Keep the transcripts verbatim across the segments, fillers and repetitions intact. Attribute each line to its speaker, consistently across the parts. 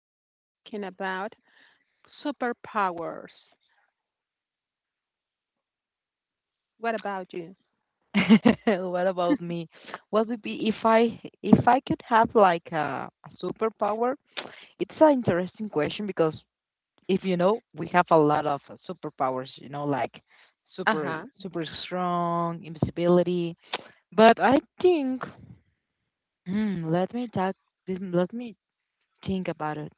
Speaker 1: we'll be talking about superpowers. What about you?
Speaker 2: What about me? What would be if I if I could have like a, a superpower? It's an interesting question because if you know, we have a lot of uh, superpowers, you know, like
Speaker 1: Uh
Speaker 2: super
Speaker 1: huh.
Speaker 2: super strong, invisibility. But I think, hmm, let me talk, let me think about it.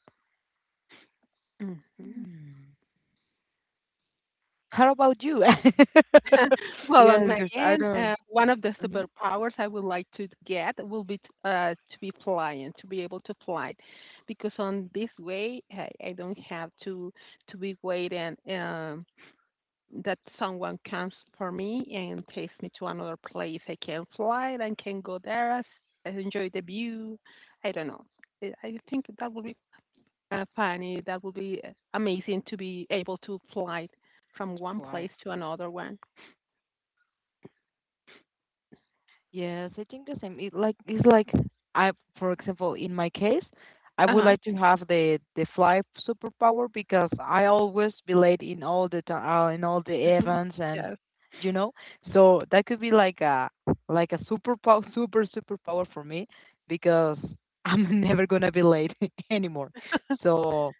Speaker 1: Hmm.
Speaker 2: Hmm. How about you?
Speaker 1: Well, on
Speaker 2: Yes,
Speaker 1: my
Speaker 2: because I
Speaker 1: end, uh,
Speaker 2: don't.
Speaker 1: one of the
Speaker 2: Mhm.
Speaker 1: superpowers I would like to get will be t- uh, to be flying, to be able to fly, because on this way I, I don't have to to be waiting um, that someone comes for me and takes me to another place. I can fly and can go there, I enjoy the view. I don't know. I think that would be uh, funny. That would be uh, amazing to be able to fly from one
Speaker 2: Flight.
Speaker 1: place to another one.
Speaker 2: Yes, I think the same. It like it's like I, for example, in my case, I
Speaker 1: Uh
Speaker 2: would
Speaker 1: huh.
Speaker 2: like to have the the fly superpower because I always be late in all the time, uh, in all the events, and
Speaker 1: Yes.
Speaker 2: you know, so that could be like a like a superpower, super superpower for me because I'm never gonna be late anymore. So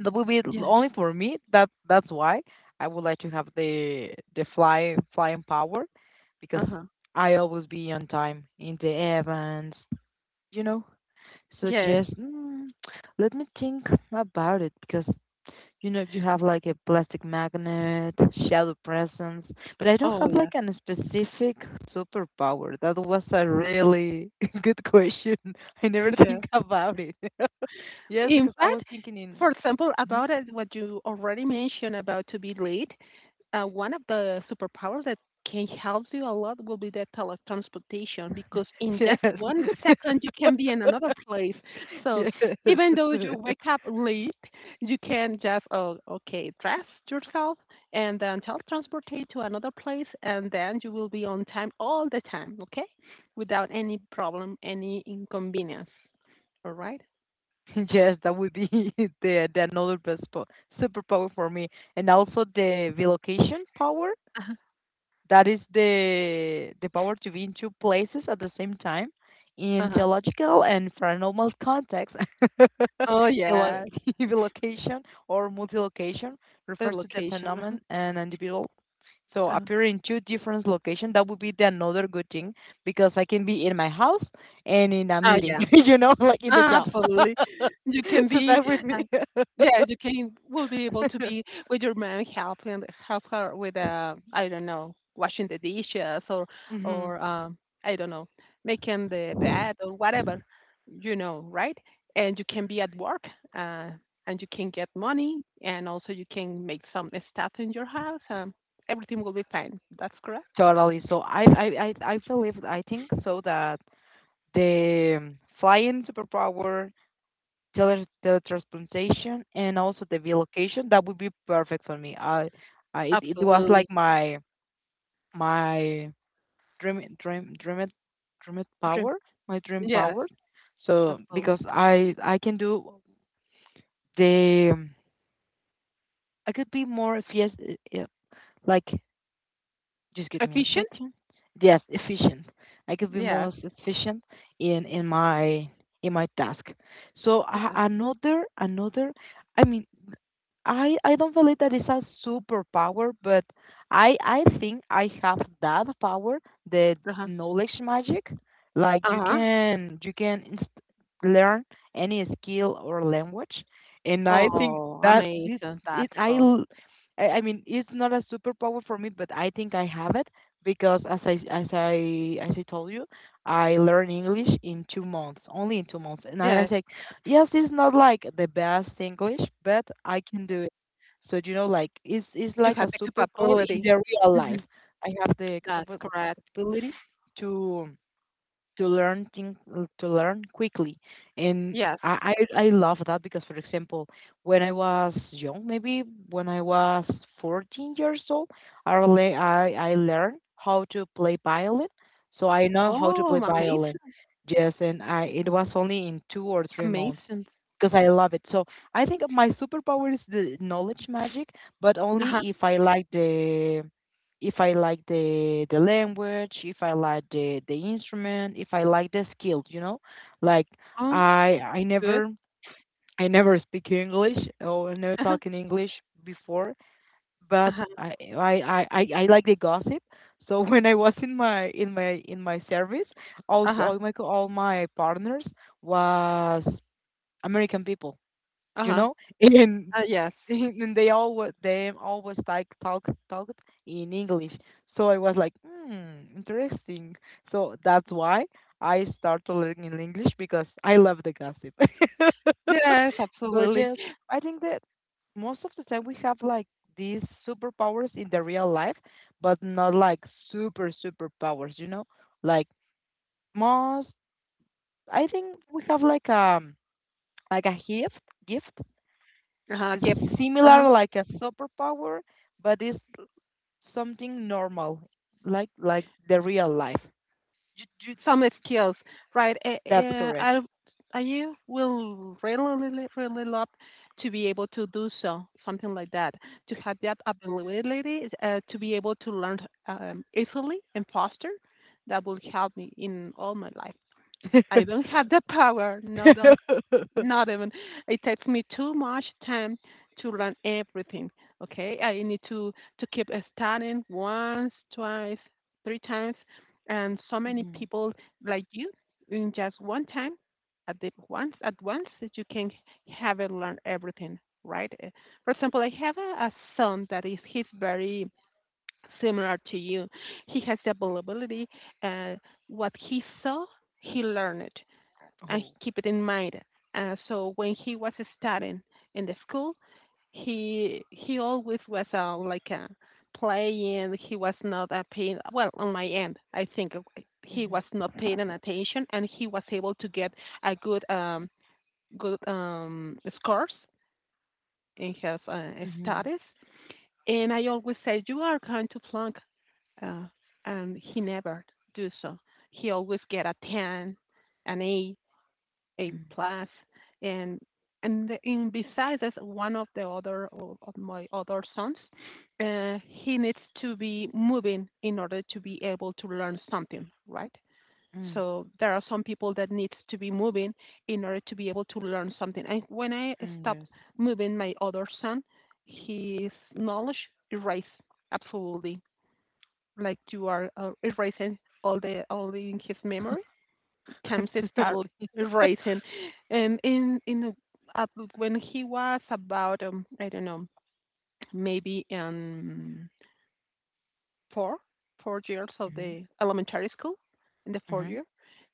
Speaker 2: that would be l-
Speaker 1: Yes.
Speaker 2: only for me. That that's why I would like to have the the fly flying power
Speaker 1: Uh
Speaker 2: because
Speaker 1: huh.
Speaker 2: I always be on time in the events, you know. So
Speaker 1: Yes.
Speaker 2: just mm, let me think about it because you know you have like a plastic magnet, shadow presence, but I don't
Speaker 1: Oh,
Speaker 2: have like
Speaker 1: yes.
Speaker 2: an specific superpower. That was a really good question. I never think
Speaker 1: Yes.
Speaker 2: about it. Yes,
Speaker 1: In
Speaker 2: because I
Speaker 1: fact,
Speaker 2: was thinking in.
Speaker 1: for example,
Speaker 2: Mm-hmm.
Speaker 1: about uh, what you already mentioned about to be late, uh, one of the superpowers that can help you a lot will be the teletransportation because in just
Speaker 2: Yes.
Speaker 1: one second you can be in another place. So
Speaker 2: Yes.
Speaker 1: even though you wake up late, you can just oh okay dress yourself and then teletransportate to another place, and then you will be on time all the time. Okay, without any problem, any inconvenience. All right.
Speaker 2: Yes, that would be the the another best po superpower for me. And also the relocation power.
Speaker 1: Uh-huh.
Speaker 2: That is the the power to be in two places at the same time in
Speaker 1: Uh-huh.
Speaker 2: theological and paranormal context.
Speaker 1: Oh,
Speaker 2: Relo-
Speaker 1: yes,
Speaker 2: Relocation or multi-location
Speaker 1: the
Speaker 2: refers to the
Speaker 1: location, uh-huh,
Speaker 2: phenomenon an individual so
Speaker 1: uh-huh.
Speaker 2: appear in two different locations, that would be the another good thing because I can be in my house and in a
Speaker 1: Ah,
Speaker 2: meeting,
Speaker 1: yeah,
Speaker 2: you know, like in the
Speaker 1: ah,
Speaker 2: job.
Speaker 1: absolutely. You can
Speaker 2: So
Speaker 1: be,
Speaker 2: that would be
Speaker 1: uh yeah, you can will be able to be with your mom, help him help her with, uh, I don't know, washing the dishes or
Speaker 2: hmm
Speaker 1: or, um, I don't know, making the bed or whatever, you know, right? And you can be at work, uh, and you can get money, and also you can make some stuff in your house, um, everything will be fine. That's correct?
Speaker 2: totally. So I, I, I, I believe, I think so that the um, flying superpower, tele teletransportation, and also the relocation, that would be perfect for me. I, I, it, it was
Speaker 1: Absolutely.
Speaker 2: like my, my dream dream dream dream
Speaker 1: Dream.
Speaker 2: power, my dream
Speaker 1: Yeah.
Speaker 2: power. So because
Speaker 1: Absolutely.
Speaker 2: i i can do the I could be more efficient like just give me a
Speaker 1: Efficient?
Speaker 2: second. Yes, efficient. I could be
Speaker 1: Yes.
Speaker 2: more efficient in in my in my task. So a-
Speaker 1: Yes.
Speaker 2: another another, I mean I I don't believe that it's a superpower, but I I think I have that power, the
Speaker 1: Uh-huh.
Speaker 2: knowledge magic. Like you
Speaker 1: Uh-huh.
Speaker 2: can you can inst- learn any skill or language, and I think
Speaker 1: Oh,
Speaker 2: that it,
Speaker 1: amazing.
Speaker 2: it
Speaker 1: That's
Speaker 2: I
Speaker 1: so.
Speaker 2: l- I I mean it's not a superpower for me, but I think I have it because as I as I as I told you, I learned English in two months, only in two months, and I, as
Speaker 1: Yes.
Speaker 2: I Yes, it's not like the best English, but I can do it. So you know, like it's it's
Speaker 1: You
Speaker 2: like
Speaker 1: have
Speaker 2: a
Speaker 1: the
Speaker 2: superpower in
Speaker 1: capability.
Speaker 2: the real
Speaker 1: Hmm.
Speaker 2: life. I have the
Speaker 1: That's
Speaker 2: capab-
Speaker 1: correct.
Speaker 2: capability to to learn thing, uh, to learn quickly, and
Speaker 1: Yes.
Speaker 2: I, I I love that because for example when I was young maybe when I was fourteen years old I le- I, I learned how to play violin, so I know how to play
Speaker 1: Oh,
Speaker 2: violin.
Speaker 1: amazing.
Speaker 2: Yes, and I it was only in two or three months
Speaker 1: Amazing.
Speaker 2: because I love it. So I think my superpower is the knowledge magic, but
Speaker 1: Uh-huh.
Speaker 2: only if I like the if I like the the language, if I like the the instrument, if I like the skills, you know, like
Speaker 1: Oh,
Speaker 2: I I
Speaker 1: good.
Speaker 2: never I never speak English or I never talk in English before, but
Speaker 1: Uh-huh.
Speaker 2: I I I I I like the gossip. So when I was in my in my in my service, all
Speaker 1: Uh-huh.
Speaker 2: all my co- all my partners was American people, you
Speaker 1: Uh-huh. Uh
Speaker 2: know, and
Speaker 1: yes.
Speaker 2: and they all wa- they always like talk talk in English. So I was like hmm interesting, so that's why I started learning English because I love the gossip.
Speaker 1: Yes,
Speaker 2: So
Speaker 1: absolutely.
Speaker 2: just I think that most of the time we have like these superpowers in the real life, but not like super superpowers you know, like most I think we have like um like a gift gift.
Speaker 1: Uh-huh. Gift.
Speaker 2: It's
Speaker 1: Uh-huh.
Speaker 2: similar like a superpower, but it's something normal, like like the real life. You, you,
Speaker 1: Some skills, right? Eh,
Speaker 2: that's
Speaker 1: eh,
Speaker 2: correct.
Speaker 1: I I will really, really, really love to be able to do so, something like that, to have that ability uh, to be able to learn um, easily and faster. That will help me in all my life. I don't have the power. No, don't not even. It takes me too much time to learn everything. Okay, I need to to keep studying once, twice, three times, and so many
Speaker 2: Hmm.
Speaker 1: people like you in just one time at the once at once that you can have and learn everything. Right? Uh, For example, I have a, a son that is he's very similar to you. He has the availability. Uh, what he saw, he learned and
Speaker 2: Oh.
Speaker 1: keep it in mind. Uh, so when he was studying in the school, he he always was uh, like uh, playing. He was not uh, paying well on my end. I think he
Speaker 2: Mm-hmm.
Speaker 1: was not paying an attention, and he was able to get a good um, good um, scores in his uh,
Speaker 2: Mm-hmm.
Speaker 1: studies. And I always said, "You are going to flunk," uh, and he never do so. He always get a ten, an eight, a
Speaker 2: Mm-hmm.
Speaker 1: plus, and and in besides as one of the other of, of my other sons, uh, he needs to be moving in order to be able to learn something, right?
Speaker 2: Mm.
Speaker 1: So there are some people that needs to be moving in order to be able to learn something. And when I
Speaker 2: Mm,
Speaker 1: stopped
Speaker 2: yes.
Speaker 1: moving my other son, his knowledge erased absolutely, like you are uh, erasing all the all in his memory. James started
Speaker 2: Totally.
Speaker 1: racing, and in in uh, when he was about um, I don't know maybe um four four years of
Speaker 2: Mm-hmm.
Speaker 1: the elementary school in the fourth
Speaker 2: Mm-hmm.
Speaker 1: year,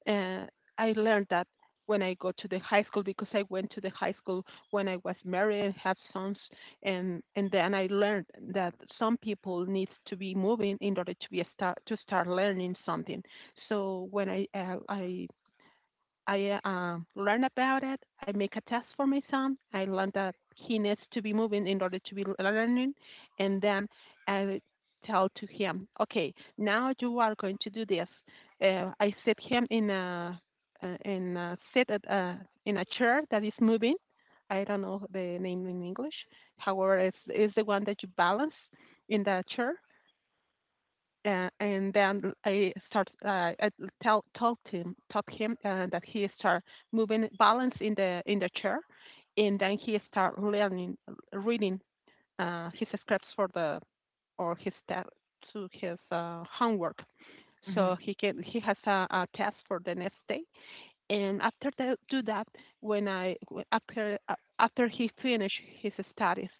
Speaker 1: uh, I learned that when I go to the high school because I went to the high school when I was married and have sons and and then I learned that some people need to be moving in order to be a start to start learning something. So when I uh, I I uh, um, learn about it. I make a test for my son. I learn that he needs to be moving in order to be learning, and then I tell to him, okay, now you are going to do this. Uh, I sit him in a uh, in a sit at a, in a chair that is moving. I don't know the name in English. However, it's, it's the one that you balance in the chair, uh, and then I start uh, I tell told him told him uh, that he start moving balance in the in the chair, and then he start learning reading, uh, his scripts for the or his te- to his uh, homework.
Speaker 2: Mm-hmm.
Speaker 1: So he can he has a, a test for the next day, and after that do that when I after uh, after he finished his studies,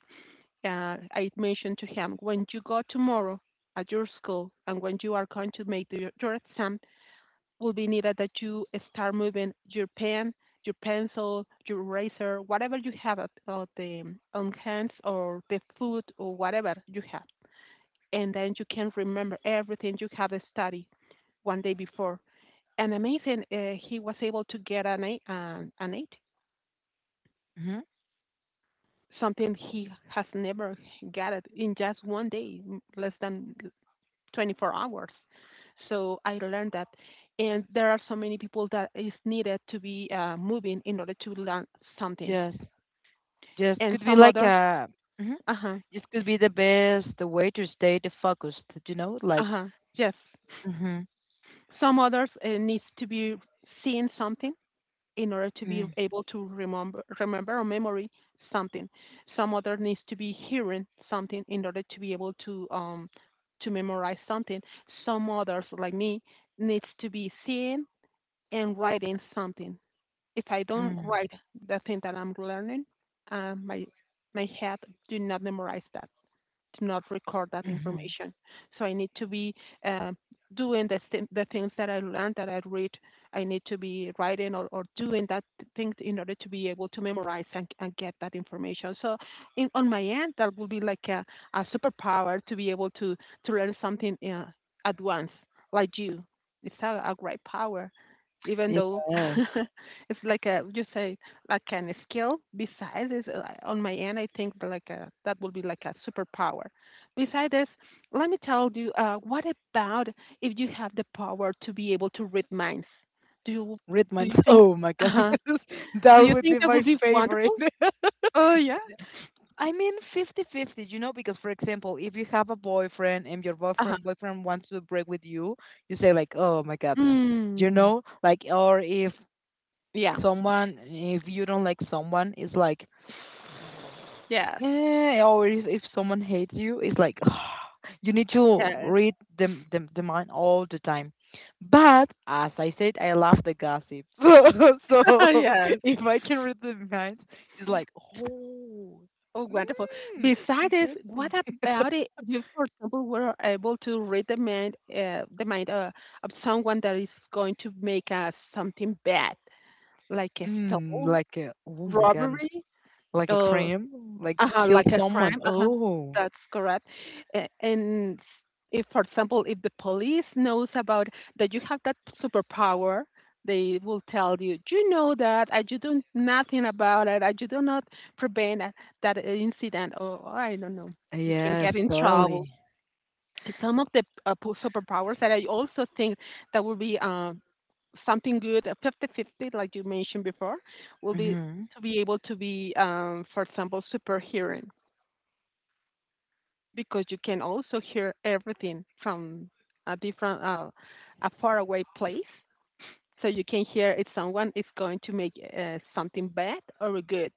Speaker 1: uh, I mentioned to him, when you go tomorrow at your school and when you are going to make the, your exam, will be needed that you start moving your pen, your pencil, your eraser, whatever you have at, at the, um, on hands or the food or whatever you have. And then you can remember everything you have studied one day before. And amazing, uh, he was able to get an eight, uh, an eight,
Speaker 2: Mm-hmm.
Speaker 1: something he has never got it in just one day, less than twenty-four hours. So I learned that, and there are so many people that is needed to be uh, moving in order to learn something,
Speaker 2: Yes. Yes.
Speaker 1: and
Speaker 2: Could be
Speaker 1: some
Speaker 2: like
Speaker 1: other,
Speaker 2: a. Mm-hmm.
Speaker 1: uh huh,
Speaker 2: This could be the best way to stay the focused. You know,
Speaker 1: uh
Speaker 2: like.
Speaker 1: huh, yes,
Speaker 2: Mm-hmm.
Speaker 1: some others uh, needs to be seeing something in order to be able to remember remember or memory something. Some other needs to be hearing something in order to be able to um to memorize something. Some others like me needs to be seeing and writing something. If I don't
Speaker 2: Mm-hmm.
Speaker 1: write the thing that I'm learning, uh, my my head do not memorize that do not record that
Speaker 2: Mm-hmm.
Speaker 1: information. So I need to be uh, doing the, th- the things that I learned, that I read. I need to be writing or, or doing that thing in order to be able to memorize and, and get that information. So in, on my end, that would be like a, a superpower to be able to, to learn something uh, at once, like you. It's a, a great power even though
Speaker 2: Yes.
Speaker 1: it's like a you say like kind skill. Besides, is uh, on my end, I think that like a, that will be like a superpower. Besides this, let me tell you, uh, what about if you have the power to be able to read minds? Do you
Speaker 2: Red
Speaker 1: do
Speaker 2: Mines.
Speaker 1: you think?
Speaker 2: Oh my God.
Speaker 1: Uh, do
Speaker 2: That
Speaker 1: you
Speaker 2: would be
Speaker 1: think that
Speaker 2: my
Speaker 1: would be
Speaker 2: favorite.
Speaker 1: wonderful? Oh yeah.
Speaker 2: I mean fifty-fifty, you know, because for example, if you have a boyfriend and your
Speaker 1: Uh huh.
Speaker 2: boyfriend boyfriend wants to break with you, you say like, "Oh my goodness." You
Speaker 1: Hmm.
Speaker 2: know, like or if
Speaker 1: Yeah.
Speaker 2: someone, if you don't like someone, it's like,
Speaker 1: Yes.
Speaker 2: eh, or if, if someone hates you, it's like, you need to
Speaker 1: Yes.
Speaker 2: read the, the, the mind all the time. But as I said, I love the gossip. So
Speaker 1: Yes.
Speaker 2: if I can read the minds, it's like, oh,
Speaker 1: Oh, wonderful.
Speaker 2: mm,
Speaker 1: Besides this, what
Speaker 2: interesting.
Speaker 1: about it? You, for example, were able to read the mind, uh, the mind uh, of someone that is going to make uh, something bad, like a
Speaker 2: Mm,
Speaker 1: stole,
Speaker 2: like a, oh my god,
Speaker 1: robbery,
Speaker 2: like a
Speaker 1: or
Speaker 2: crime, like
Speaker 1: uh-huh,
Speaker 2: kill
Speaker 1: like a
Speaker 2: someone.
Speaker 1: crime. Uh-huh.
Speaker 2: Oh,
Speaker 1: That's correct. A- And if, for example, if the police knows about that you have that superpower, they will tell you, you know that, and you do nothing about it, and you do not prevent a- that incident, or I don't know, we can
Speaker 2: yes,
Speaker 1: get in trouble.
Speaker 2: totally.
Speaker 1: Some of the uh, po- superpowers that I also think that will be uh, something good, fifty fifty, like you mentioned before, will be
Speaker 2: Hmm.
Speaker 1: to be able to be, um, for example, superhero because you can also hear everything from a different, uh, a faraway place. So you can hear if someone is going to make uh, something bad or good.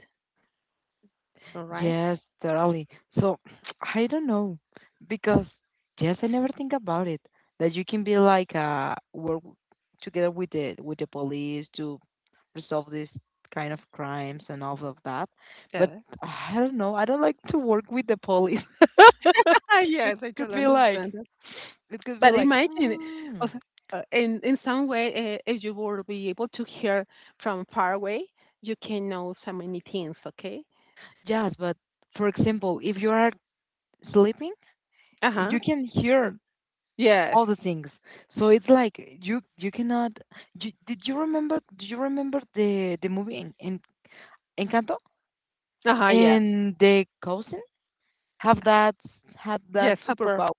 Speaker 1: All right.
Speaker 2: Yes, totally. So I don't know because yes, I never think about it that you can be like uh work together with the with the police to resolve these kind of crimes and all of that. But
Speaker 1: Yeah.
Speaker 2: I don't know. I don't like to work with the police. It
Speaker 1: Yes, I
Speaker 2: could
Speaker 1: totally
Speaker 2: be like
Speaker 1: understand that.
Speaker 2: it could be
Speaker 1: But
Speaker 2: like
Speaker 1: imagine, uh,
Speaker 2: mm.
Speaker 1: uh, in in some way, uh, if you will be able to hear from far away, you can know so many things. Okay.
Speaker 2: Yes, but for example, if you are sleeping,
Speaker 1: Uh huh.
Speaker 2: you can hear
Speaker 1: Yes.
Speaker 2: all the things. So it's like you you cannot. You, did you remember? Do you remember the the movie in, in Encanto?
Speaker 1: Uh huh. Yeah.
Speaker 2: And the cousin have that had that
Speaker 1: Yes. Super.
Speaker 2: superpower,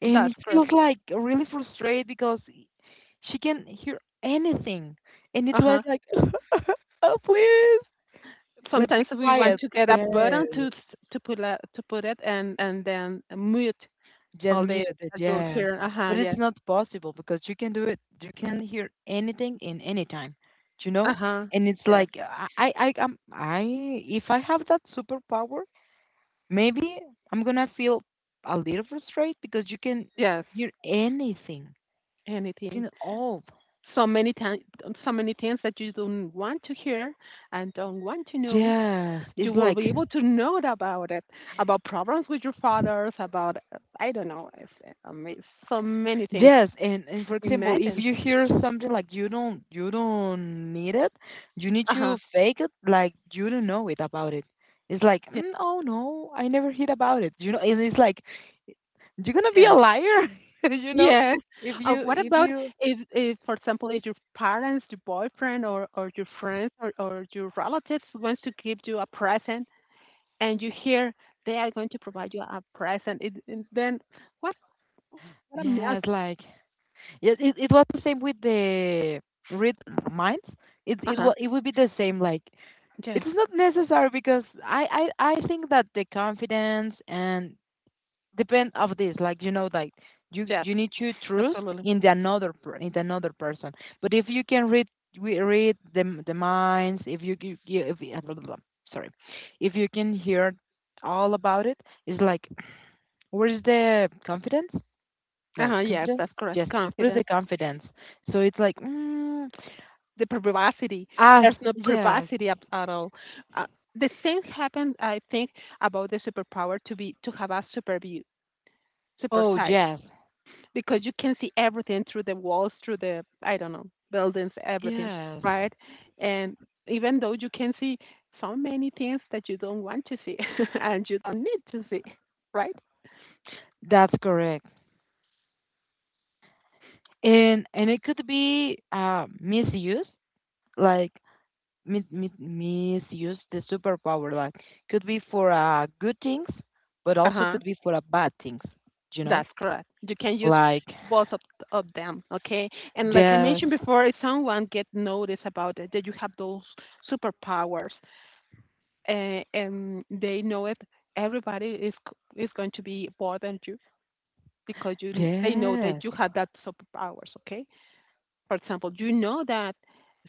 Speaker 2: and
Speaker 1: That's
Speaker 2: it
Speaker 1: correct.
Speaker 2: feels like really frustrated because she can hear anything, and it
Speaker 1: Uh
Speaker 2: was
Speaker 1: huh.
Speaker 2: like, oh please, like
Speaker 1: Sometimes
Speaker 2: be
Speaker 1: we want
Speaker 2: quiet.
Speaker 1: to get a
Speaker 2: Yes.
Speaker 1: button to s- to put a, to put it and and then mute
Speaker 2: Gen
Speaker 1: all the
Speaker 2: muted,
Speaker 1: that you're
Speaker 2: yes.
Speaker 1: hearing. Uh huh.
Speaker 2: But it's
Speaker 1: Yes.
Speaker 2: not possible because you can do it. You can hear anything in any time, you know.
Speaker 1: Uh huh.
Speaker 2: And it's
Speaker 1: Yes.
Speaker 2: like I, I, I, I'm, I. If I have that superpower, maybe I'm gonna feel a little frustrated because you can
Speaker 1: Yes.
Speaker 2: hear anything, you
Speaker 1: Anything.
Speaker 2: know, all.
Speaker 1: So many times, so many things that you don't want to hear and don't want to know,
Speaker 2: Yes,
Speaker 1: you
Speaker 2: it's
Speaker 1: will
Speaker 2: like
Speaker 1: be able to know about it, about problems with your fathers, about uh, I don't know, it's, uh, ama- so many things.
Speaker 2: yes, and and for example, if
Speaker 1: Imagine.
Speaker 2: you hear something like you don't you don't need it, you need
Speaker 1: Uh huh.
Speaker 2: to fake it like you don't know it about it. It's like,
Speaker 1: Yes.
Speaker 2: mm, oh no, I never heard about it. You know, and it's like you're gonna be a
Speaker 1: Yes.
Speaker 2: liar, you know,
Speaker 1: Yeah.
Speaker 2: if
Speaker 1: Uh,
Speaker 2: you
Speaker 1: what
Speaker 2: if
Speaker 1: about
Speaker 2: you
Speaker 1: if, if, for example, if your parents, your boyfriend, or, or your friends, or, or your relatives wants to give you a present, and you hear they are going to provide you a present, it, it, then what? What a mess.
Speaker 2: yes, like yes, it it was the same with the read minds. It
Speaker 1: Uh
Speaker 2: it
Speaker 1: huh.
Speaker 2: wa it would be the same. Like
Speaker 1: Yes.
Speaker 2: it's not necessary because I I I think that the confidence and depend of this like you know like you
Speaker 1: Yes.
Speaker 2: you need to trust
Speaker 1: Absolutely.
Speaker 2: in the another per- in the another person, but if you can read we read the the minds if you c- you- if you- blah, blah, blah, sorry, if you can hear all about it, it's like where is the confidence,
Speaker 1: Uh
Speaker 2: no
Speaker 1: huh. Yes,
Speaker 2: confidence,
Speaker 1: that's correct.
Speaker 2: yes, what is the
Speaker 1: Confidence,
Speaker 2: confidence? So it's like mm,
Speaker 1: the privacy.
Speaker 2: as
Speaker 1: There's no
Speaker 2: yes,
Speaker 1: privacy at, at all. Uh, the same happened, I think, about the superpower to be to have a super view, super
Speaker 2: oh
Speaker 1: sight.
Speaker 2: yes,
Speaker 1: Because you can see everything through the walls, through the, I don't know, buildings, everything,
Speaker 2: yes,
Speaker 1: right? And even though you can see so many things that you don't want to see and you don't need to see, right?
Speaker 2: that's correct, and and it could be uh, misused, like mi- mi- misuse the superpower. Like could be for uh, good things, but
Speaker 1: Uh
Speaker 2: also
Speaker 1: huh.
Speaker 2: could be for uh, bad things. You know,
Speaker 1: That's correct. You can use
Speaker 2: like
Speaker 1: both of, of them, okay? And like I
Speaker 2: yes,
Speaker 1: mentioned before, if someone get notice about it, that you have those superpowers, uh, and they know it, everybody is c- is going to be bothered because you kn- they know that
Speaker 2: yes,
Speaker 1: you have that superpowers. Okay, for example, you know that.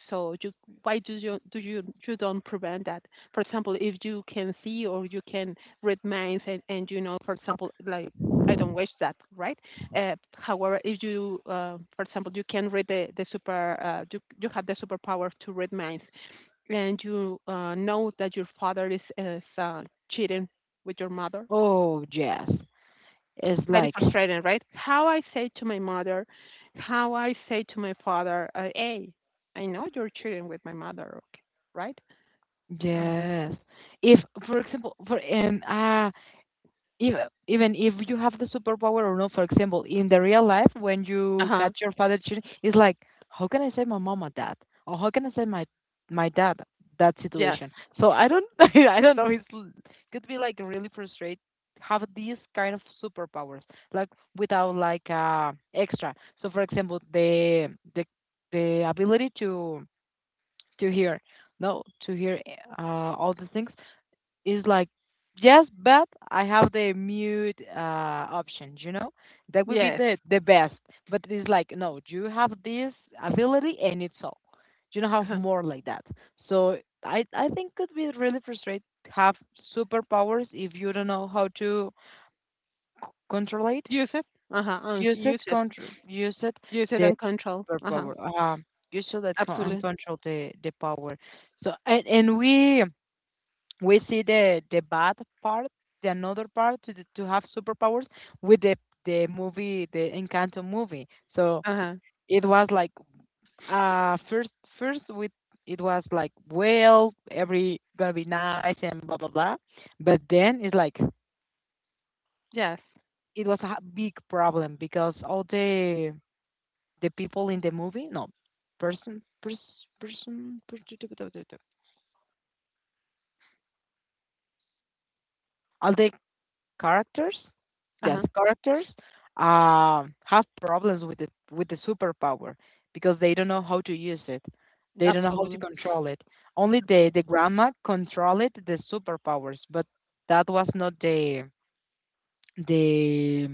Speaker 1: So you, why do you do you you don't prevent that? For example, if you can see or you can read minds and, and you know, for example, like I don't wish that, right? Uh, however, if you, uh, for example, you can read the the super, uh, you you have the superpower to read minds, and you uh, know that your father is is uh, cheating with your mother,
Speaker 2: oh yes. It's
Speaker 1: very
Speaker 2: like
Speaker 1: frustrating, right? How I say to my mother, how I say to my father, uh, hey, I know you're cheating with my mother, okay, right?
Speaker 2: yes. If for example, for um, uh, even even if you have the superpower or not, for example, in the real life when
Speaker 1: Uh
Speaker 2: you
Speaker 1: huh.
Speaker 2: catch your father cheating, it's like, how can I save my mom or dad, or how can I save my my dad that
Speaker 1: Yes.
Speaker 2: situation? So I don't I don't know. It's l- could be like really frustrate have these kind of superpowers like without like uh extra. So for example, the the the ability to to hear no to hear uh all the things is like, yes, but I have the mute uh, option, you know? That would be
Speaker 1: Yes.
Speaker 2: the, the best. But it's like, no, you have this ability and it's all. You don't have
Speaker 1: Uh-huh.
Speaker 2: more like that. So I, I think could be really frustrating to have superpowers if you don't know how to control it.
Speaker 1: Use it. Uh huh. And
Speaker 2: Use it,
Speaker 1: use it.
Speaker 2: control, use it,
Speaker 1: Use it
Speaker 2: the
Speaker 1: and control. Uh huh.
Speaker 2: superpower. Uh, use should that con- and
Speaker 1: Absolutely.
Speaker 2: control the, the power. So and, and we we see the the bad part, the another part to the, to have superpowers with the the movie, the Encanto movie. So
Speaker 1: Uh huh.
Speaker 2: it was like uh first first with it was like well every gonna be nice and blah blah blah, but then it's like
Speaker 1: Yes.
Speaker 2: it was a big problem because all the the people in the movie no person person person all the characters,
Speaker 1: Uh
Speaker 2: just
Speaker 1: huh.
Speaker 2: characters, um, have problems with the with the superpower because they don't know how to use it. They don't know how to
Speaker 1: Absolutely.
Speaker 2: control it. Only the
Speaker 1: Absolutely.
Speaker 2: the grandma controlled the superpowers, but that was not the the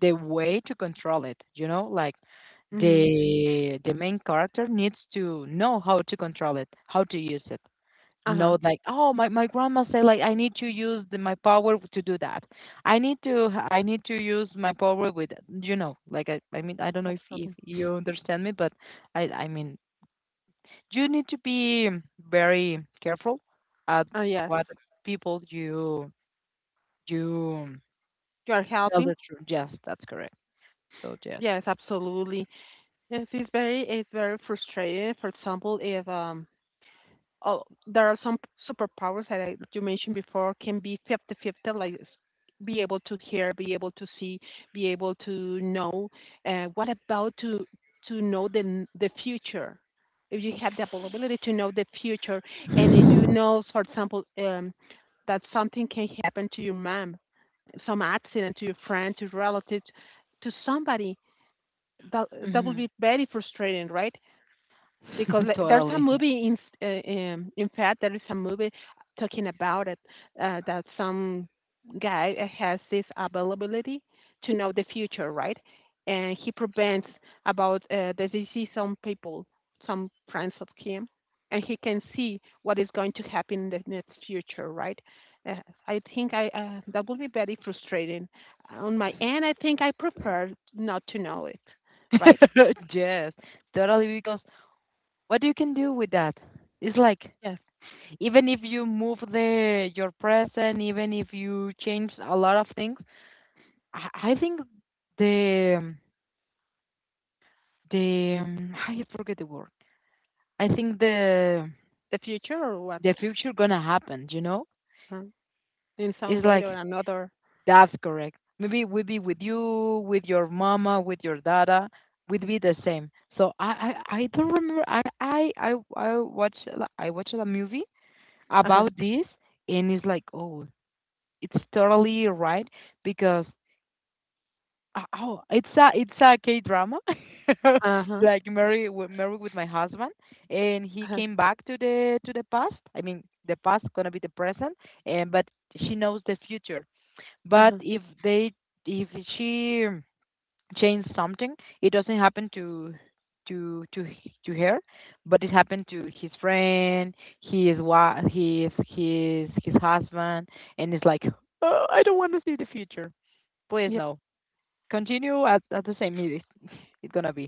Speaker 2: the way to control it. You know, like
Speaker 1: Mhm.
Speaker 2: the the main character needs to know how to control it, how to use it.
Speaker 1: Uh huh.
Speaker 2: Know like oh my, My grandma said like I need to use the, my power to do that. i need to ha- I need to use my power with, you know, like i, I mean, I don't know if, if
Speaker 1: Absolutely.
Speaker 2: you understand me, but i i mean you need to be very careful at
Speaker 1: Uh, yes.
Speaker 2: what people you you
Speaker 1: You are
Speaker 2: tell
Speaker 1: helping.
Speaker 2: the truth. Yes, that's correct, so yes.
Speaker 1: Yes. Absolutely. Yes. It's very. It's very frustrating. For example, if um oh, there are some superpowers that I, you mentioned before can be fifty-fifty, like s- be able to hear, be able to see, be able to know. Uh, what about to to know the n- the future? If you have the ability to know the future, and if you know, for example, um, that something can happen to your mom, some accident to your friend, to relatives, to somebody, that that would
Speaker 2: Hmm.
Speaker 1: be very frustrating, right? Because like, there's a
Speaker 2: Totally.
Speaker 1: movie in s- uh, um, in fact there is a movie talking about it uh, that some guy has this availability to know the future, right? And he prevents about uh, the disease on people, some friends of him, and he can see what is going to happen in the next future, right? Uh, I think I uh, that would be very frustrating. On my end, I think I prefer not to know it, right?
Speaker 2: Yes, totally, because what you can do with that is like,
Speaker 1: Yes,
Speaker 2: even if you move the your present, even if you change a lot of things, I, I think the the um, I forget the word. I think the
Speaker 1: the future or what?
Speaker 2: the future gonna happen. You know,
Speaker 1: Huh? In some
Speaker 2: it's
Speaker 1: way or
Speaker 2: like
Speaker 1: another.
Speaker 2: that's correct. Maybe it would be with you, with your mama, with your dada, would be the same. So I I, I don't remember. I I I I watched a- I watched a movie
Speaker 1: Uh-huh.
Speaker 2: about this, and it's like, oh, it's totally right because, uh, oh, it's a it's a K drama,
Speaker 1: Uh-huh.
Speaker 2: like married with, married with my husband, and he
Speaker 1: Uh-huh.
Speaker 2: came back to the to the past. I mean, the past gonna be the present, and but she knows the future. But
Speaker 1: Uh-huh.
Speaker 2: if they, if she changed something, it doesn't happen to to to h- to her, but it happened to his friend, his wife, his his his husband, and it's like, oh, I don't want to see the future. Please
Speaker 1: Yeah.
Speaker 2: no continue at, at the same minute. It's gonna be.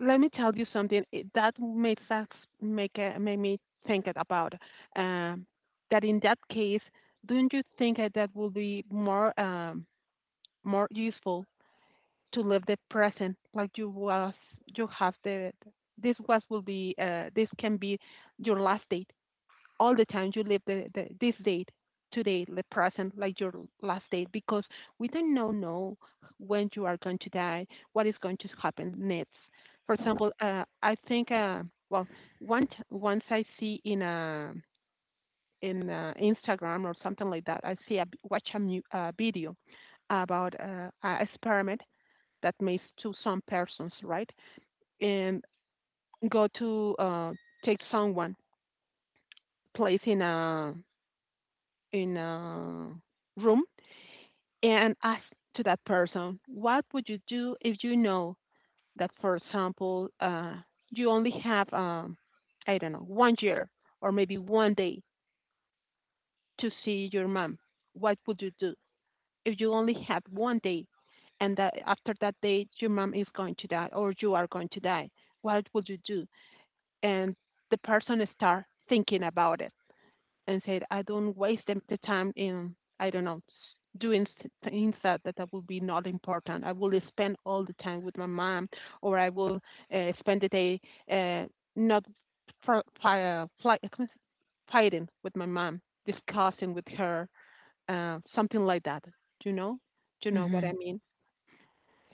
Speaker 1: Let me tell you something it, that made that make uh, made me think it about um, that in that case, don't you think that that will be more um, more useful to live the present like you was you have the this was will be uh, this can be your last date all the time you live the, the, this date today the present like your last date because we don't know know when you are going to die, what is going to happen next. For example uh, I think uh, well, once once I see in a in uh, Instagram or something like that, I see a watch a mu- uh, video about uh, an experiment that makes to some persons, right? And go to uh, take someone place in a in a room, and ask to that person, what would you do if you know that, for example, uh, you only have, um, I don't know, one year or maybe one day to see your mom? What would you do if you only have one day and that after that day your mom is going to die or you are going to die? What would you do? And the person start thinking about it and said, I don't waste them- the time in, I don't know, doing things that, that, will be not important. I will spend all the time with my mom, or I will uh, spend the day uh, not for, uh, fighting with my mom, discussing with her, uh, something like that. Do you know? Do you know what
Speaker 2: Mm-hmm.
Speaker 1: I mean?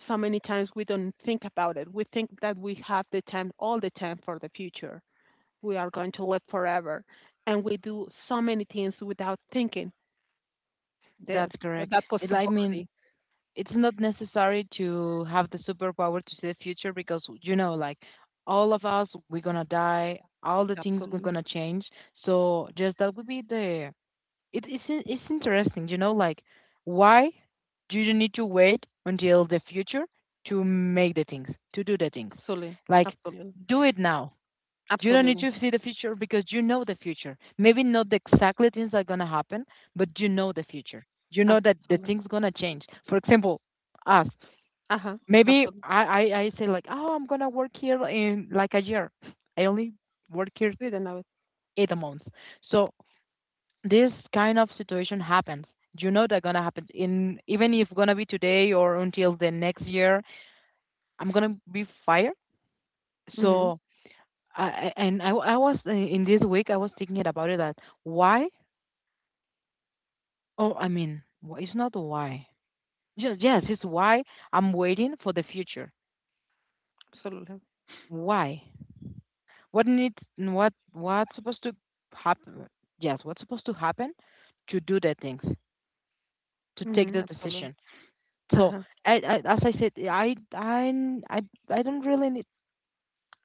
Speaker 1: So many times we don't think about it. We think that we have the time all the time for the future, we are going to live forever. And we do so many things without thinking that
Speaker 2: That's correct.
Speaker 1: that
Speaker 2: it, I mean,
Speaker 1: possibility.
Speaker 2: it's not necessary to have the superpower to see the future because, you know, like all of us we're gonna die, all the things we're
Speaker 1: Absolutely.
Speaker 2: gonna change. So just that would be the, it, it's, in- it's interesting, you know, like why do you need to wait until the future to make the things, to do the things,
Speaker 1: Absolutely.
Speaker 2: like
Speaker 1: Absolutely.
Speaker 2: do it now. You don't need
Speaker 1: Absolutely.
Speaker 2: to see the future because you know the future. Maybe not the exactly things that are gonna happen, but you know the future. You know that the
Speaker 1: Absolutely.
Speaker 2: things gonna change. For example, us.
Speaker 1: Uh huh.
Speaker 2: Maybe
Speaker 1: Absolutely.
Speaker 2: I, I, I say like, oh, I'm gonna work here in like a year. I only work here
Speaker 1: Didn't know it.
Speaker 2: eight months. So this kind of situation happens. You know that gonna happen in, even if gonna be today or until the next year, I'm gonna be fired.
Speaker 1: Mm-hmm.
Speaker 2: So I I- and I I was uh, in this week I was thinking about it that why, oh, I mean, wh- it's not why, yes, yes, it's why I'm waiting for the future,
Speaker 1: Absolutely.
Speaker 2: why, what needs, what what's supposed to happen, yes, what's supposed to happen, to do the things, to take
Speaker 1: Mm-hmm.
Speaker 2: the
Speaker 1: Absolutely.
Speaker 2: decision.
Speaker 1: Uh
Speaker 2: So
Speaker 1: huh.
Speaker 2: I, I, as I said, I I I I don't really need,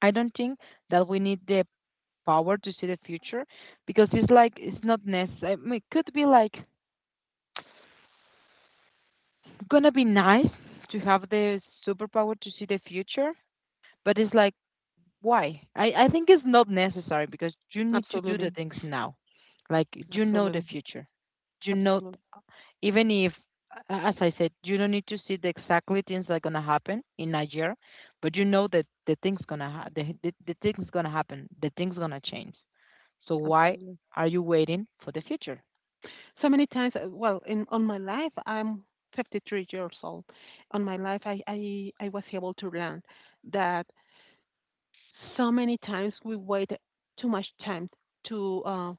Speaker 2: I don't think that we need the power to see the future, because it's like it's not necessary. I mean, it could be like, gonna be nice to have the superpower to see the future, but it's like, why? I, I think it's not necessary because you need to do the
Speaker 1: Absolutely.
Speaker 2: things now. Like you know the
Speaker 1: Absolutely.
Speaker 2: future. You know,
Speaker 1: Absolutely.
Speaker 2: even if, a- as I said, you don't need to see the exactly things that are gonna happen in a year, but you know that the things gonna ha- the, the the things gonna happen, the things gonna change. So why
Speaker 1: Absolutely.
Speaker 2: are you waiting for the future?
Speaker 1: So many times, uh, well, in on my life, I'm fifty-three years old. On my life, I I, I was able to learn that. So many times we wait too much time to uh,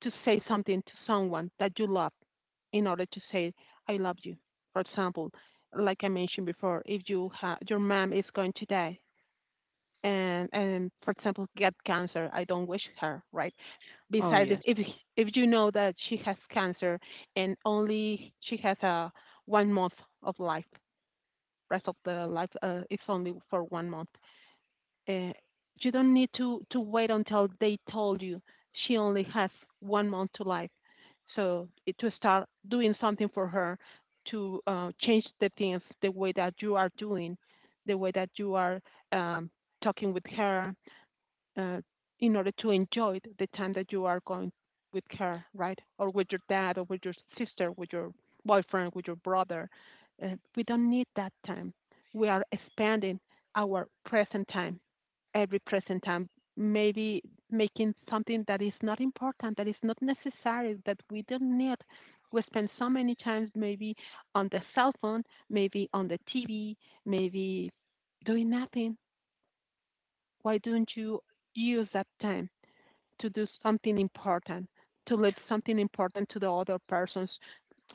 Speaker 1: to say something to someone that you love in order to say I love you. For example, like I mentioned before, if you ha- your mom is going to die, and and for example get cancer, I don't wish her right.
Speaker 2: Oh
Speaker 1: Besides, if
Speaker 2: yes,
Speaker 1: if, if you know that she has cancer and only she has a one month of life, rest of the life uh, is only for one month. Uh, you don't need to, to wait until they told you she only has one month to life. So it, to start doing something for her, to uh, change the things, the way that you are doing, the way that you are um, talking with her, uh, in order to enjoy the time that you are going with her, right? Or with your dad, or with your sister, with your boyfriend, with your brother. Uh, we don't need that time. We are expanding our present time, every present time, maybe making something that is not important, that is not necessary, that we don't need. We spend so many times maybe on the cell phone, maybe on the T V, maybe doing nothing. Why don't you use that time to do something important, to leave something important to the other persons.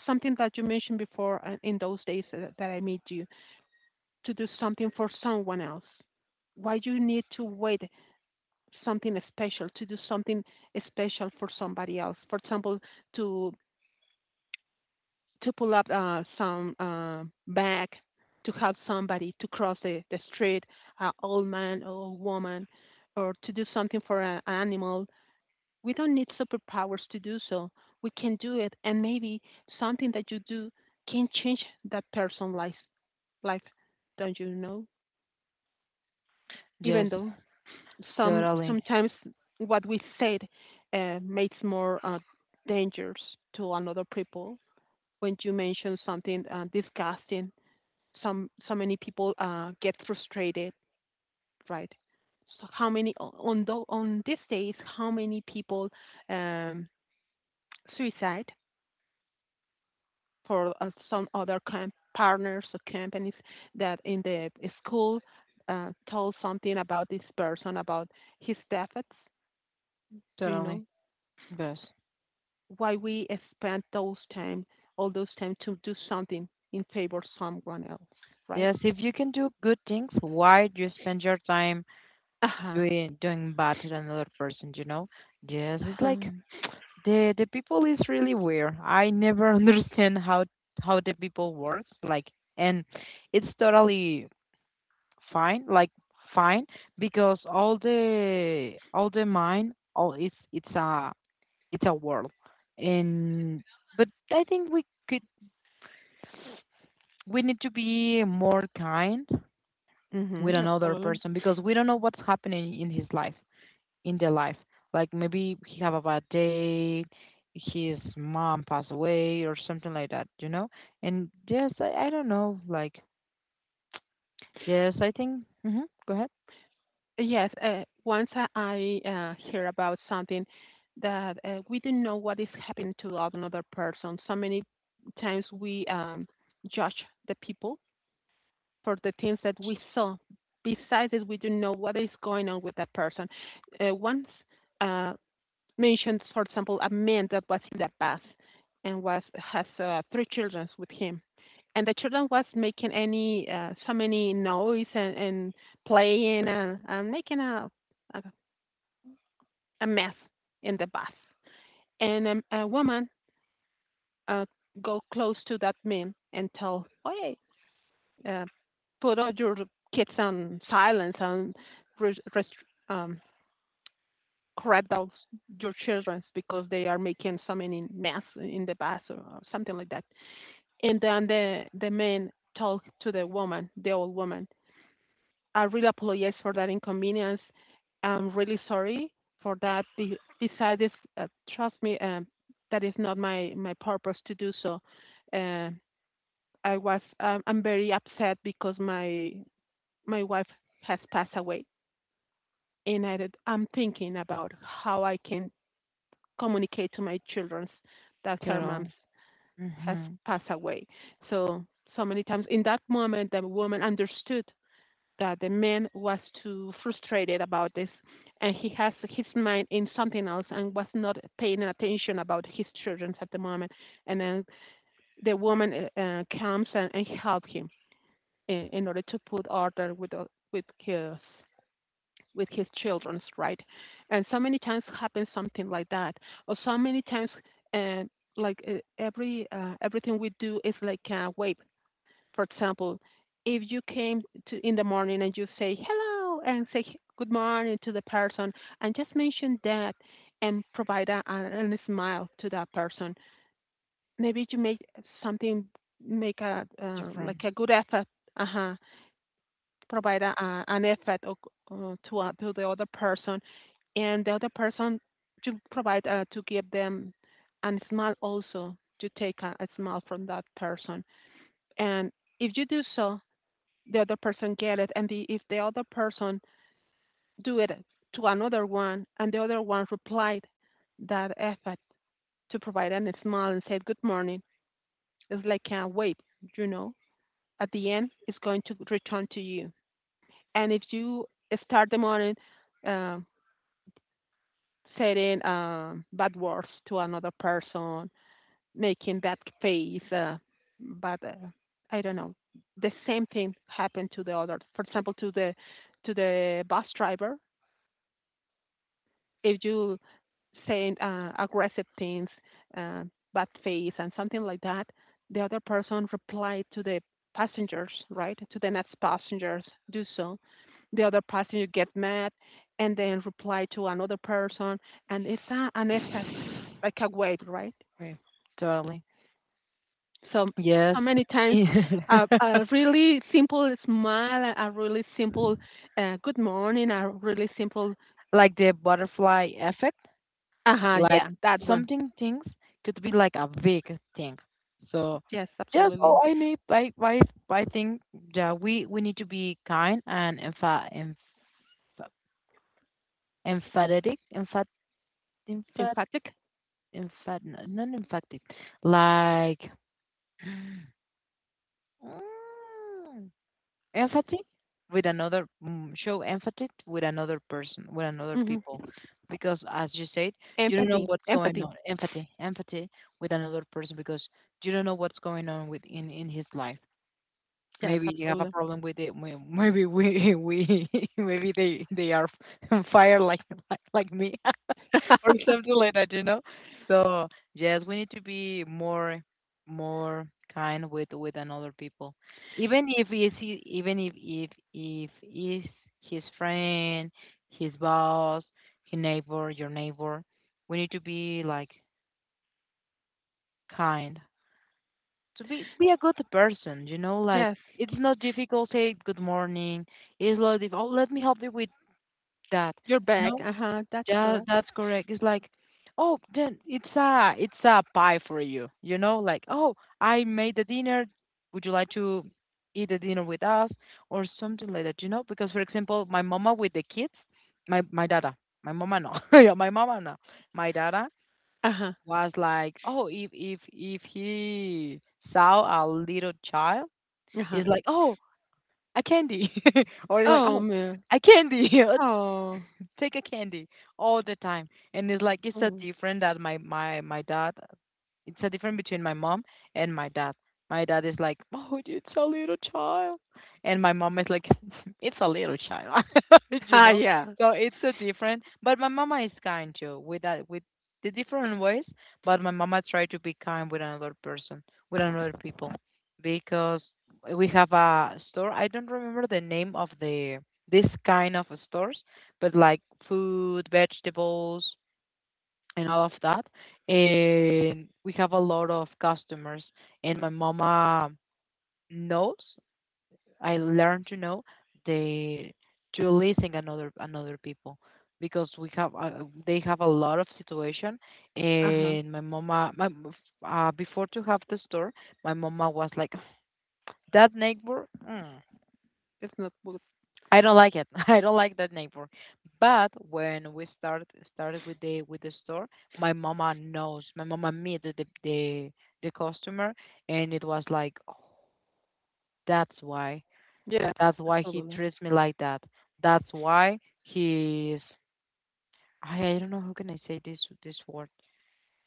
Speaker 1: Something that you mentioned before uh, in those days uh, that I met you, to do something for someone else. Why you need to wait something special to do something special for somebody else? For example, to to pull up uh, some uh, bag, to help somebody to cross the, the street, an uh, old man or old woman, or to do something for an animal. We don't need superpowers to do so. We can do it, and maybe something that you do can change that person's life. Life, don't you know?
Speaker 2: yes,
Speaker 1: Even though some
Speaker 2: totally,
Speaker 1: sometimes what we said uh, makes more uh, dangers to another people. When you mention something uh, disgusting, some so many people uh, get frustrated, right? So how many on tho- on these days? How many people um, suicide? For uh, some other com- partners or companies that in the school uh, told something about this person, about his efforts. Do you
Speaker 2: totally,
Speaker 1: know
Speaker 2: yes.
Speaker 1: why we spend those time, all those time to do something in favor of someone else, right?
Speaker 2: Yes, if you can do good things, why do you spend your time
Speaker 1: Uh huh.
Speaker 2: doing doing bad to another person, you know? Yes, it's like
Speaker 1: Uh-huh.
Speaker 2: the the people is really weird. I never understand how how the people works, like, and it's totally fine, like fine, because all the, all the mind, all it's, it's a it's a world. And but I think we could, we need to be more kind with
Speaker 1: Mm-hmm.
Speaker 2: another
Speaker 1: Absolutely.
Speaker 2: person because we don't know what's happening in his life, in their life, like maybe he have a bad day, his mom passed away or something like that, you know. And yes, i, I don't know, like yes, I think. Hmm. Go ahead.
Speaker 1: Yes, uh, once I I, uh, hear about something that uh, we don't know what is happening to another person, so many times we um, judge the people for the things that we saw. Besides it, we don't know what is going on with that person. Uh, once uh, mentioned, for example, a man that was in the past and was has uh, three children with him, and the children was making any uh, so many noise and, and playing and, and making a, a a mess in the bus. And um, a woman uh, go close to that man and tell, "Hey, uh, put all your kids on silence and rest- um, correct those, your children because they are making so many mess in the bus," or, or something like that. And then the, the man talked to the woman, the old woman. "I really apologize for that inconvenience. I'm really sorry for that. Be- Besides, uh, trust me, um, that is not my, my purpose to do so. Uh, I was um, I'm very upset because my my wife has passed away, and I, I'm thinking about how I can communicate to my children that her mom
Speaker 2: Totally.
Speaker 1: has
Speaker 2: Hmm.
Speaker 1: passed away." So so many times in that moment the woman understood that the man was too frustrated about this, and he has his mind in something else and was not paying attention about his children at the moment. And then the woman uh, uh, comes and, and help him in, in order to put order with, uh, with his with his children, right? And so many times happens something like that, or so many times, uh, like uh, every uh, everything we do is like a wave. For example, if you came to in the morning and you say hello and say good morning to the person and just mention that and provide a, a, a smile to that person, maybe you make something make a uh, like
Speaker 2: Different.
Speaker 1: a good effort. Uh-huh. Provide a, a, an effort of, uh, to uh, to the other person, and the other person to provide uh, to give them a smile also to take a, a smile from that person. And if you do so, the other person get it, and the, if the other person do it to another one, and the other one replied that effort to provide a smile and said good morning, it's like a wave, you know. At the end, it's going to return to you and if you start the morning um, saying um, bad words to another person, making that face, uh, but uh, I don't know, the same thing happened to the other. For example, to the to the bus driver, if you saying uh, aggressive things, uh, bad face, and something like that, the other person replied to the passengers, right, to the next passengers, do so. The other passenger get mad and then reply to another person, and it's a, an effect, like a wave, right?
Speaker 2: Right. Totally,
Speaker 1: So,
Speaker 2: yes.
Speaker 1: so many times, uh, a really simple smile, a really simple uh, good morning, a really simple,
Speaker 2: Like the butterfly effect.
Speaker 1: uh huh,
Speaker 2: Like
Speaker 1: yeah, that one.
Speaker 2: something, things could be like a big thing. So
Speaker 1: Yes,
Speaker 2: just,
Speaker 1: absolutely.
Speaker 2: oh, I need, I I I think that we we need to be kind and empha emph emphatic emphat emphat
Speaker 1: Emphatic.
Speaker 2: emphat no, not emphatic like. Mm, empathy with another, mm, show empathy with another person, with another
Speaker 1: Mm-hmm.
Speaker 2: people, because as you said, you don't know
Speaker 1: Empathy,
Speaker 2: what's going
Speaker 1: empathy.
Speaker 2: on. Empathy empathy with another person because you don't know what's going on with in in his life.
Speaker 1: Yes,
Speaker 2: Maybe you have a
Speaker 1: absolutely.
Speaker 2: problem with it, may- maybe we we maybe they they are on fire like like, like me or something like that, you know. So yes, we need to be more, more kind with with another people, even if is he, even if if if is his friend, his boss, his neighbor, your neighbor. We need to be like kind, to be be a good person, you know. Like
Speaker 1: Yes,
Speaker 2: it's not difficult. Say good morning. It's not difficult. Oh, let me help you with that.
Speaker 1: you're back.
Speaker 2: No.
Speaker 1: Uh huh. That's
Speaker 2: Yeah,
Speaker 1: correct.
Speaker 2: that's correct. It's like, oh, then it's a it's a pie for you. You know, like, oh, I made the dinner. Would you like to eat the dinner with us or something like that? You know, because for example, my mama with the kids, my my dada, my mama no, yeah, my mama no, my dada
Speaker 1: Uh huh.
Speaker 2: was like, oh, if if if he saw a little child,
Speaker 1: Uh huh.
Speaker 2: it's like, oh, a candy, or like,
Speaker 1: Oh
Speaker 2: oh,
Speaker 1: man.
Speaker 2: a candy.
Speaker 1: Oh.
Speaker 2: Take a candy all the time. And it's like it's a
Speaker 1: Oh.
Speaker 2: different that my my my dad. It's a difference between my mom and my dad. My dad is like, oh, it's a little child, and my mom is like, it's a little child, you
Speaker 1: Ah
Speaker 2: know.
Speaker 1: yeah.
Speaker 2: So it's a different. But my mama is kind too with that, with the different ways. But my mama try to be kind with another person, with another people, because we have a store. I don't remember the name of the this kind of stores, but like food, vegetables, and all of that. And we have a lot of customers, and my mama knows. I learned to know the, to listen another, another people, because we have, uh, they have a lot of situation,
Speaker 1: Uh huh.
Speaker 2: and my mama my uh, before to have the store, my mama was like, that neighbor, mm,
Speaker 1: It's not good.
Speaker 2: I don't like it. I don't like that neighbor. But when we started started with the with the store, my mama knows. My mama meet the the the, the customer, and it was like, oh, that's why.
Speaker 1: Yes,
Speaker 2: That's why he
Speaker 1: absolutely.
Speaker 2: treats me like that. That's why he's. I I don't know how can I say this this word.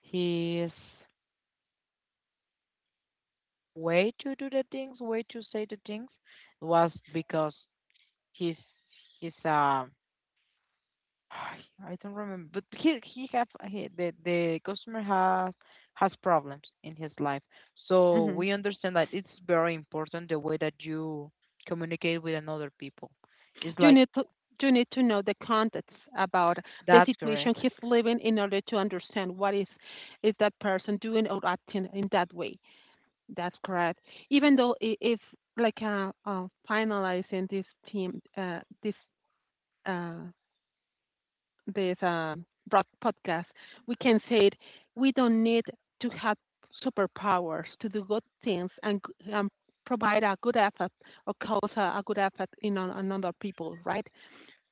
Speaker 2: His way to do the things, way to say the things, was because he's he's, um, I don't remember, but he he have he, the the customer has has problems in his life. So we
Speaker 1: Hmm.
Speaker 2: understand that it's very important the way that you communicate with another people. It's
Speaker 1: You
Speaker 2: like
Speaker 1: need to you need to know the context about the
Speaker 2: that's
Speaker 1: situation
Speaker 2: correct.
Speaker 1: he's living in order to understand what is is that person doing or acting in that way. That's correct. Even though i- if like uh, uh finalizing this team uh this uh, this uh, broad podcast, we can say it, we don't need to have superpowers to do good things and, g- and provide a good effort or cause a, a good effort in on, on other people, right?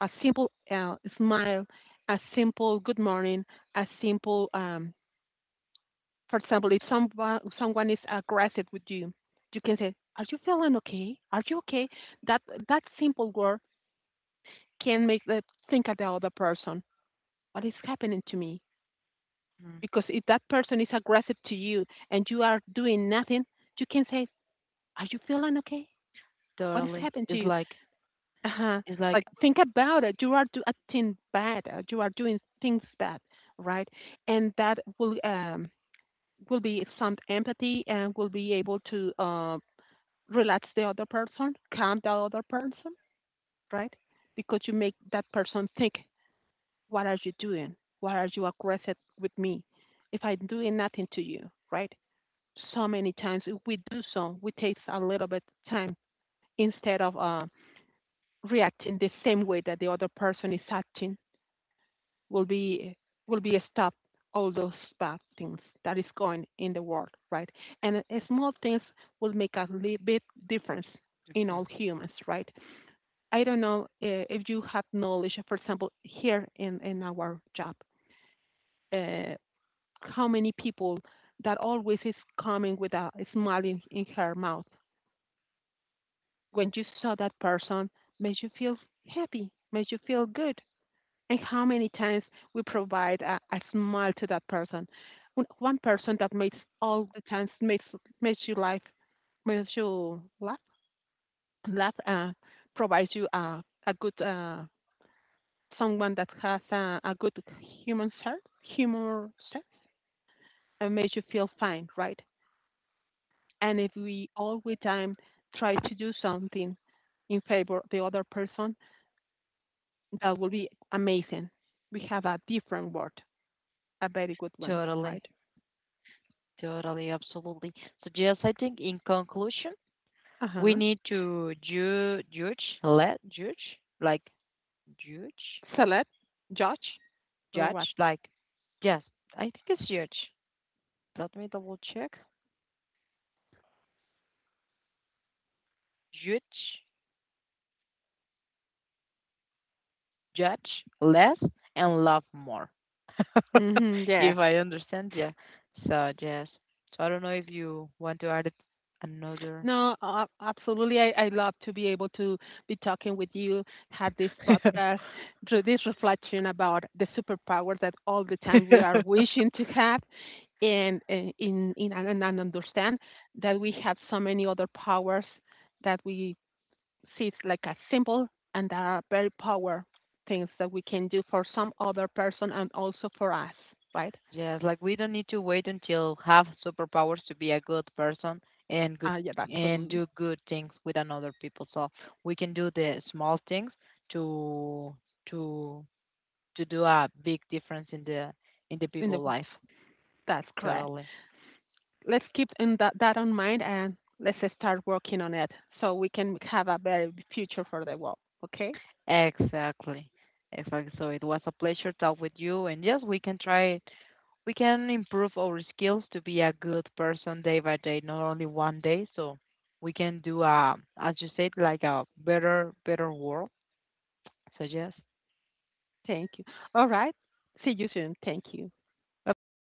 Speaker 1: A simple uh, smile, a simple good morning, a simple, um, for example, if someone, someone is aggressive with you, you can say, are you feeling okay? Are you okay? That that simple word can make the think of the other person what is happening to me.
Speaker 2: Mm,
Speaker 1: Because if that person is aggressive to you and you are doing nothing, you can say, are you feeling okay? What has
Speaker 2: totally.
Speaker 1: happened to
Speaker 2: It's
Speaker 1: you?
Speaker 2: like,
Speaker 1: Uh huh.
Speaker 2: it's like
Speaker 1: Like, think about it. You are do- acting bad. uh, You are doing things bad, right? And that will um, will be some empathy and will be able to uh, relax the other person, calm the other person, right? Because you make that person think, what are you doing? Why are you aggressive with me? If I'm doing nothing to you, right? So many times if we do so, we take a little bit of time instead of uh, reacting the same way that the other person is acting. Will be will be a stop all those bad things that is going in the world, right? And uh, small things will make a little bit difference in all
Speaker 2: difference.
Speaker 1: humans, right? I don't know uh, if you have knowledge, for example, here in, in our job, uh, how many people that always is coming with a smile in, in her mouth when you saw that person made you feel happy, made you feel good. And how many times we provide a, a smile to that person. One one person that makes all the times makes makes you laugh, makes you laugh, laugh, uh, provides you a a good uh, someone that has a, a good human sense, humor sense, and makes you feel fine, right? And if we all the time try to do something in favor of the other person, that would be amazing. We have a different word, a very good one,
Speaker 2: Totally,
Speaker 1: right?
Speaker 2: totally, absolutely. So yes, I think in conclusion,
Speaker 1: Uh
Speaker 2: we
Speaker 1: huh.
Speaker 2: need to ju judge, let judge, like judge,
Speaker 1: Select, judge, or what?
Speaker 2: judge, like yes. I think it's judge. Let me double check. Judge, Judge less and love more.
Speaker 1: Hmm,
Speaker 2: If
Speaker 1: yes.
Speaker 2: I understand, yeah. So yes. So I don't know if you want to add it, another.
Speaker 1: No, uh, absolutely. I, I love to be able to be talking with you, had this podcast, through this reflection about the superpower that all the time we are wishing to have, and uh, in in and, and understand that we have so many other powers that we see it's like a symbol and a very power things that we can do for some other person and also for us, right?
Speaker 2: Yes, like we don't need to wait until have superpowers to be a good person and good,
Speaker 1: Uh, yeah,
Speaker 2: and
Speaker 1: absolutely.
Speaker 2: do good things with another people. So we can do the small things to to to do a big difference in the, in the
Speaker 1: In the
Speaker 2: people
Speaker 1: wo-
Speaker 2: life.
Speaker 1: that's correct.
Speaker 2: Totally.
Speaker 1: Let's keep in that that in mind and let's start working on it so we can have a better future for the world. Okay?
Speaker 2: Exactly. Exactly. So it was a pleasure talk with you, and yes, we can try it. We can improve our skills to be a good person day by day, not only one day. So we can do a, as you said, like a better, better world. So yes.
Speaker 1: Thank you. All right. See you soon. Thank you.
Speaker 2: Bye bye.